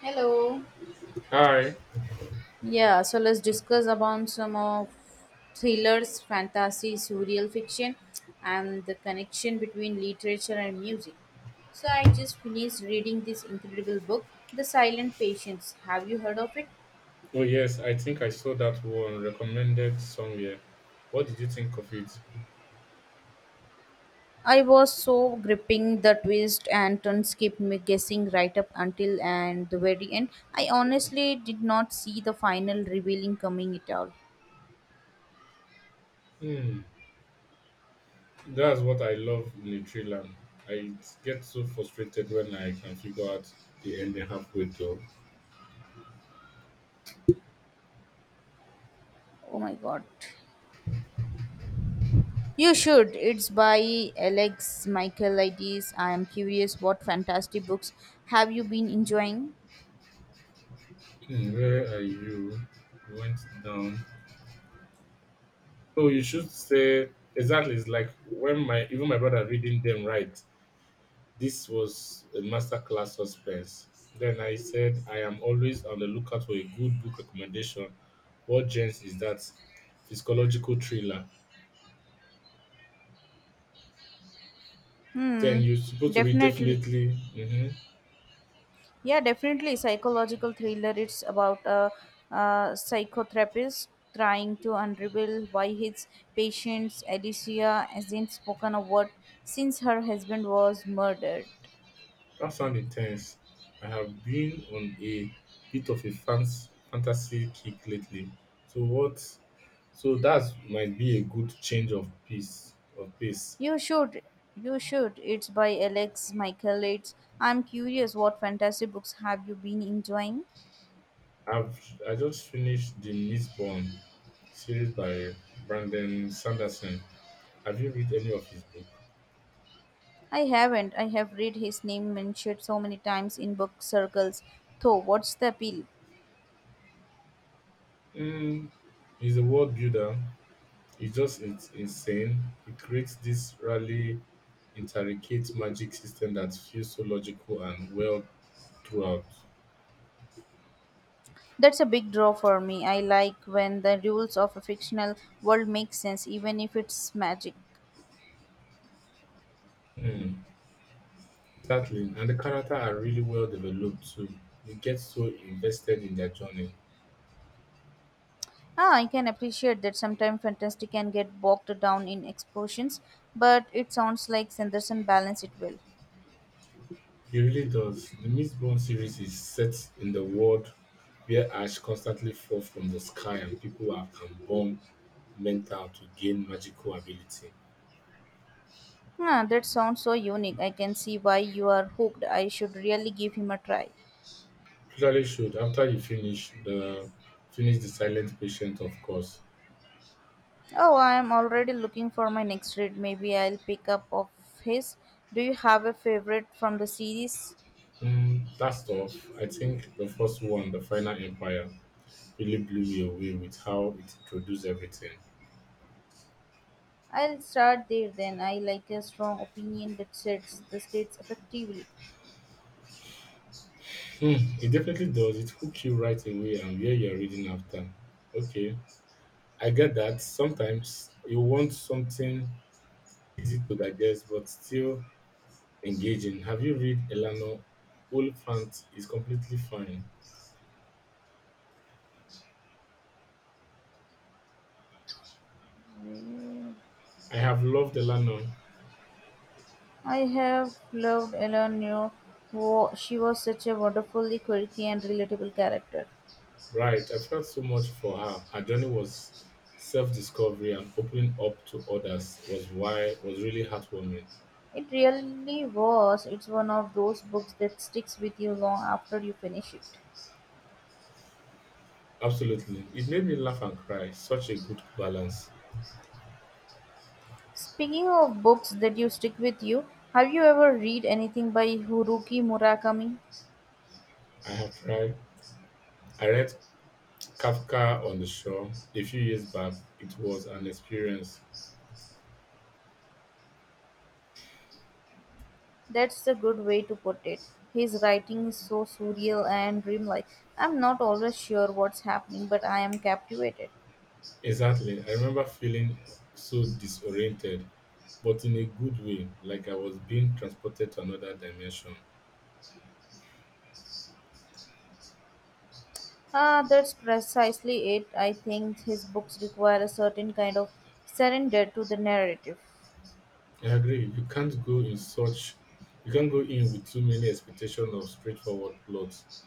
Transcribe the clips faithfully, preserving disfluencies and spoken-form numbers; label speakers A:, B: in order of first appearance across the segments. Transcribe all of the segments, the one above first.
A: Hello.
B: Hi.
A: Yeah, so let's discuss about some of thrillers, fantasy, surreal fiction, and the connection between literature and music. So I just finished reading this incredible book, The Silent Patience. Have you heard of it?
B: Oh yes, I think I saw that one recommended somewhere. What did you think of it?
A: I was so gripping the twist and turns kept me guessing right up until and the very end. I honestly did not see the final revealing coming at all.
B: Hmm. That's what I love in a thriller. I get so frustrated when I can figure out the ending halfway through.
A: Oh my god. You should. It's by Alex Michaelides. I am curious what fantastic books have you been enjoying?
B: Hmm, where are you? You went down. Oh, you should say exactly. It's like when my even my brother reading them right. This was a masterclass suspense. Then I said, I am always on the lookout for a good book recommendation. What gens is that? Psychological thriller. Then
A: Hmm,
B: you're supposed to read
A: definitely.
B: definitely. Hmm.
A: Yeah, definitely. Psychological thriller. It's about a, uh psychotherapist trying to unravel why his patient Alicia hasn't spoken a word since her husband was murdered.
B: That sounds intense. I have been on a bit of a fans, fantasy kick lately. So what? So that might be a good change of pace. Of pace.
A: You should. You should. It's by Alex Michaelides. I'm curious what fantastic books have you been enjoying?
B: I've I just finished the Mistborn series by Brandon Sanderson. Have you read any of his book?
A: I haven't. I have read his name mentioned so many times in book circles. Though, what's the appeal?
B: Mm, he's a world builder. It's just it's insane. He creates this really intricate magic system that feels so logical and well throughout.
A: That's a big draw for me. I like when the rules of a fictional world make sense, even if it's magic.
B: Mm, exactly, and the character are really well developed too. You get so invested in their journey.
A: Ah, I can appreciate that sometimes fantasy can get bogged down in explosions, but it sounds like Sanderson balanced it well.
B: He really does. The Mistborn series is set in the world where ash constantly falls from the sky and people are can burn mental to gain magical ability.
A: Ah, that sounds so unique. I can see why you are hooked. I should really give him a try.
B: Totally should. After you finish the finish the Silent Patient, of course.
A: Oh, I am already looking for my next read. Maybe I'll pick up of his. Do you have a favorite from the series?
B: Mm, that's tough. I think the first one, the Final Empire, really blew me away with how it introduced everything.
A: I'll start there then. I like a strong opinion that sets the states effectively.
B: Hmm, it definitely does. It hooks you right away and where you're reading after. Okay, I get that sometimes you want something easy to digest but still engaging. Have you read Elano Wolfant is completely fine. I have loved Elano.
A: I have loved Ellen New. She was such a wonderfully quirky and relatable character.
B: Right. I felt so much for her. Her journey was self-discovery and opening up to others was why was really heartwarming.
A: It really was. It's one of those books that sticks with you long after you finish it.
B: Absolutely. It made me laugh and cry. Such a good balance.
A: Speaking of books that you stick with you, have you ever read anything by Haruki Murakami?
B: I have tried. I read Kafka on the Shore a few years back. It was an experience.
A: That's a good way to put it. His writing is so surreal and dreamlike. I'm not always sure what's happening, but I am captivated.
B: Exactly. I remember feeling so disoriented, but in a good way, like I was being transported to another dimension.
A: Ah, that's precisely it. I think his books require a certain kind of surrender to the narrative.
B: I agree. You can't go in such you can't go in with too many expectations of straightforward plots.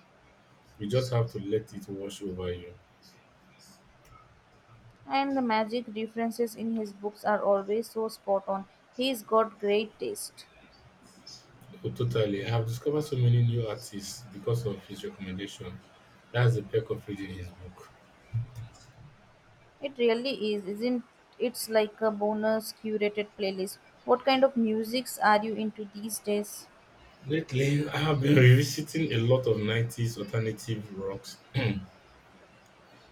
B: You just have to let it wash over you.
A: And the magic references in his books are always so spot on. He's got great taste.
B: Oh, totally. I have discovered so many new artists because of his recommendation. That's the perk of reading his book.
A: It really is, isn't it's like a bonus curated playlist. What kind of musics are you into these days?
B: Lately, I have been revisiting a lot of nineties alternative rocks.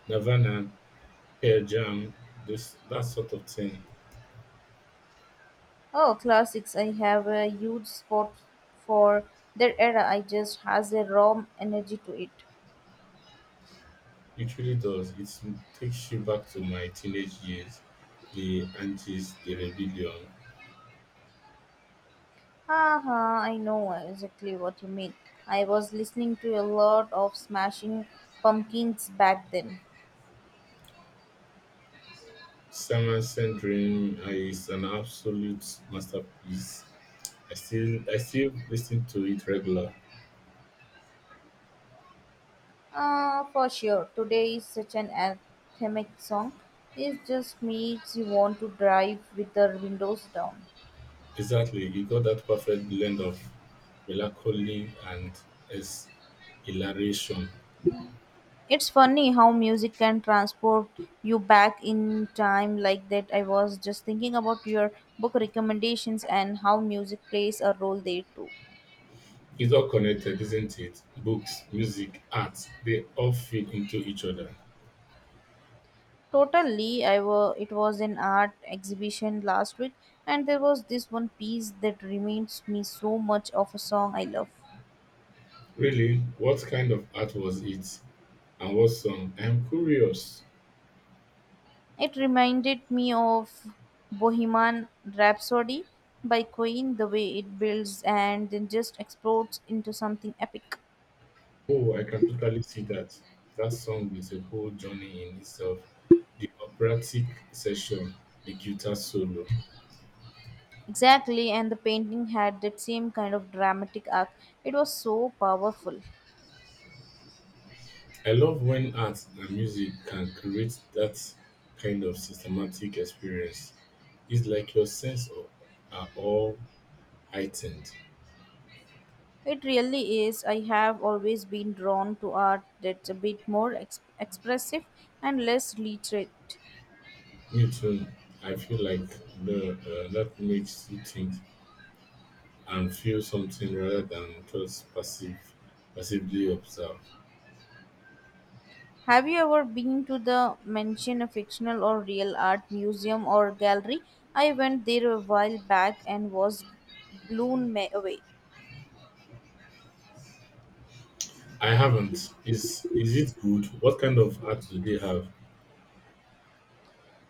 B: Nirvana, Pearl Jam, this that sort of thing.
A: Oh, classics. I have a huge spot for that era. I just has a raw energy to it.
B: It really does. It takes you back to my teenage years, the antis, the rebellion.
A: Haha, I know exactly what you mean. I was listening to a lot of Smashing Pumpkins back then.
B: Simon Says Dream is an absolute masterpiece. I still I still listen to it regular.
A: Uh, for sure. Today is such an anthemic song. It just makes you want to drive with the windows down.
B: Exactly, you got that perfect blend of melancholy and es- hilaration.
A: It's funny how music can transport you back in time like that. I was just thinking about your book recommendations and how music plays a role there too.
B: It's all connected, isn't it? Books, music, art, they all feed into each other.
A: Totally, I were, it was an art exhibition last week, and there was this one piece that reminds me so much of a song I love.
B: Really? What kind of art was it? And what song? I'm curious.
A: It reminded me of Bohemian Rhapsody by Queen, the way it builds and then just explodes into something epic.
B: Oh, I can totally see that. That song is a whole journey in itself. The operatic session, the guitar solo.
A: Exactly, and the painting had that same kind of dramatic arc. It was so powerful.
B: I love when art and music can create that kind of systematic experience. It's like your sense of, are all heightened.
A: It really is. I have always been drawn to art that's a bit more ex- expressive and less literate.
B: Me too. I feel like the, uh, that makes you think and feel something rather than just passive passively observe.
A: Have you ever been to the mention a fictional or real art museum or gallery? I went there a while back and was blown ma- away.
B: I haven't. Is is it good? What kind of art do they have?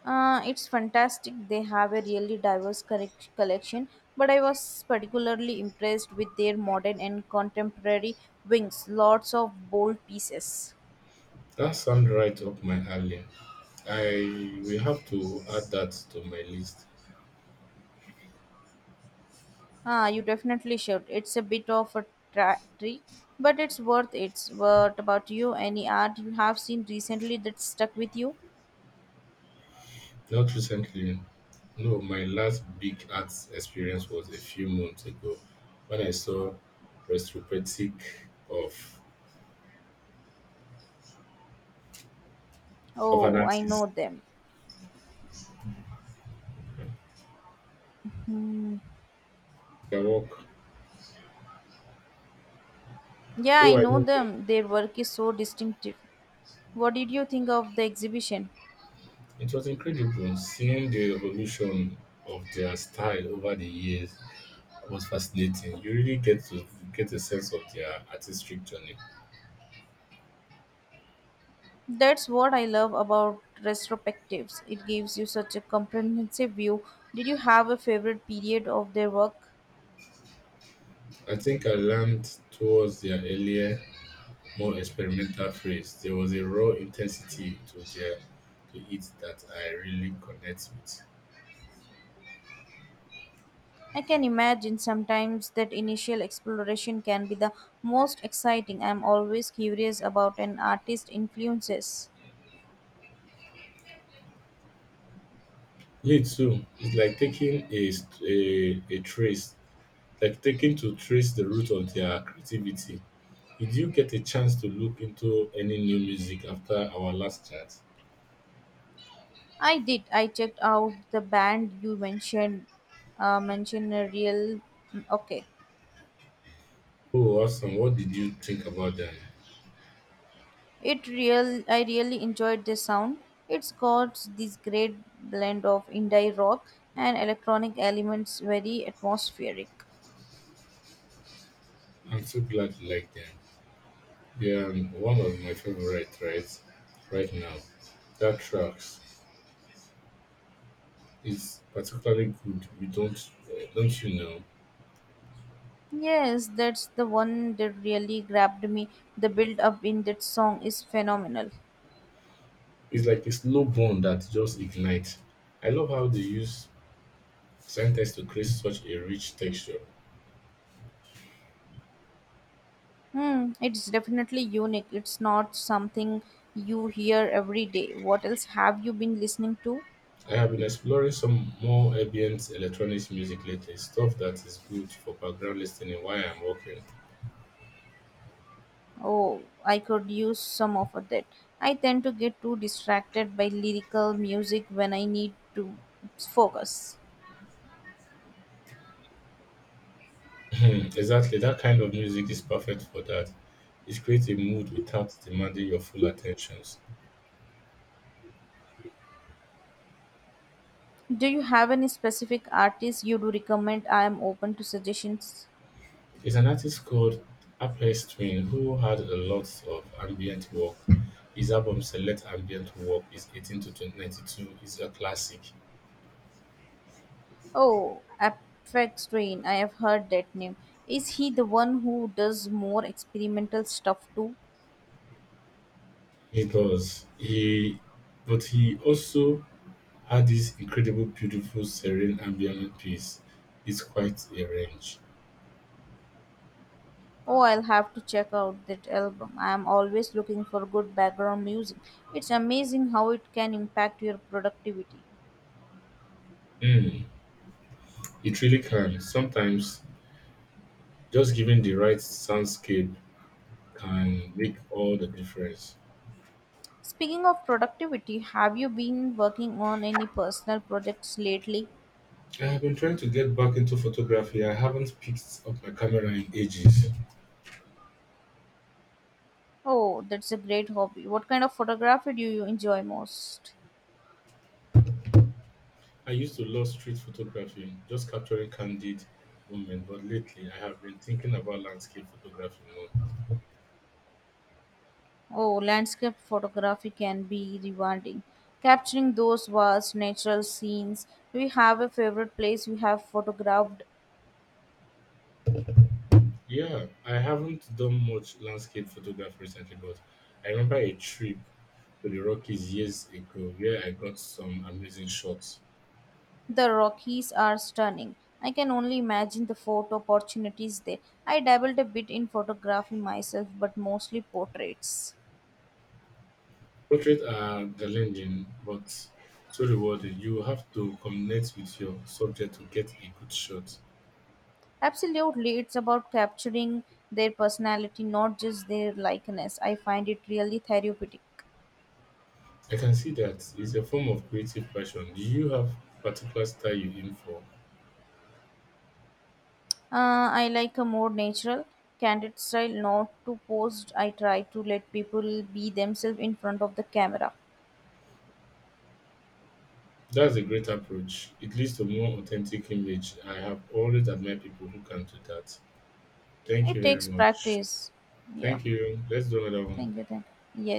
A: Uh, it's fantastic. They have a really diverse correc- collection, but I was particularly impressed with their modern and contemporary wings. Lots of bold pieces.
B: That sounds right up my alley. I will have to add that to my list.
A: Ah, you definitely should. It's a bit of a tra- trick, but it's worth it. What about you? Any art you have seen recently that stuck with you?
B: Not recently. No, my last big art experience was a few months ago when I saw retrospective of of an
A: Oh, I know
B: artist.
A: them. Hmm.
B: Their work.
A: Yeah, I
B: Oh, I
A: know
B: know them.
A: them. Their work is so distinctive. What did you think of the exhibition?
B: It was incredible seeing the evolution of their style over the years was fascinating. You really get to get a sense of their artistic journey.
A: That's what I love about retrospectives. It gives you such a comprehensive view. Did you have a favorite period of their work?
B: I think I learned towards their earlier, more experimental phase. There was a raw intensity to their to it that I really connect with.
A: I can imagine sometimes that initial exploration can be the most exciting. I'm always curious about an artist's influences.
B: Me too. It's like taking a, st- a, a trace, like taking to trace the root of their creativity. Did you get a chance to look into any new music after our last chat?
A: I did. I checked out the band you mentioned. Uh, mentioned a real. Mm, okay.
B: Oh, awesome. What did you think about them?
A: It real I really enjoyed the sound. It's got this great blend of indie rock and electronic elements very atmospheric.
B: I'm so glad you like them. They are one of my favorite right right now. That tracks is particularly good. You don't eh, don't you know?
A: Yes, that's the one that really grabbed me. The build up in that song is phenomenal.
B: It's like a slow burn that just ignites. I love how they use sentence to create such a rich texture.
A: Hmm, it's definitely unique. It's not something you hear every day. What else have you been listening to?
B: I have been exploring some more ambient electronic music lately, stuff that is good for background listening while I'm working.
A: Oh, I could use some of that. I tend to get too distracted by lyrical music when I need to focus.
B: Exactly, that kind of music is perfect for that. It creates a mood without demanding your full attentions.
A: Do you have any specific artists you do recommend? I am open to suggestions.
B: There's an artist called Aphex Twin who had a lot of ambient work. His album Select Ambient Work is eighteen to nineteen ninety-two is a classic.
A: Oh, Aphex Twin. I have heard that name. Is he the one who does more experimental stuff too?
B: He does. He, but he also had this incredible, beautiful, serene ambient peace. It's quite a range.
A: Oh, I'll have to check out that album. I am always looking for good background music. It's amazing how it can impact your productivity.
B: Mm, it really can. Sometimes just giving the right soundscape can make all the difference.
A: Speaking of productivity, have you been working on any personal projects lately?
B: I have been trying to get back into photography. I haven't picked up my camera in ages.
A: Oh, that's a great hobby. What kind of photography do you enjoy most?
B: I used to love street photography, just capturing candid moments, but lately I have been thinking about landscape photography more.
A: Oh, landscape photography can be rewarding. Capturing those vast natural scenes. Do you have a favorite place you have photographed?
B: Yeah, I haven't done much landscape photography recently, but I remember a trip to the Rockies years ago where I got some amazing shots.
A: The Rockies are stunning. I can only imagine the photo opportunities there. I dabbled a bit in photography myself, but mostly portraits.
B: Portraits are challenging, but so rewarding. You have to connect with your subject to get a good shot.
A: Absolutely, it's about capturing their personality, not just their likeness. I find it really therapeutic.
B: I can see that it's a form of creative passion. Do you have particular style you aim for?
A: Uh, I like a more natural, candid style, not too posed. I try to let people be themselves in front of the camera.
B: That's a great approach. It leads to more authentic image. I have always admired people who can do that. Thank
A: It
B: you
A: takes
B: very much.
A: practice. Yeah,
B: Thank you. Let's do another one.
A: thank you. Thank you. Yes.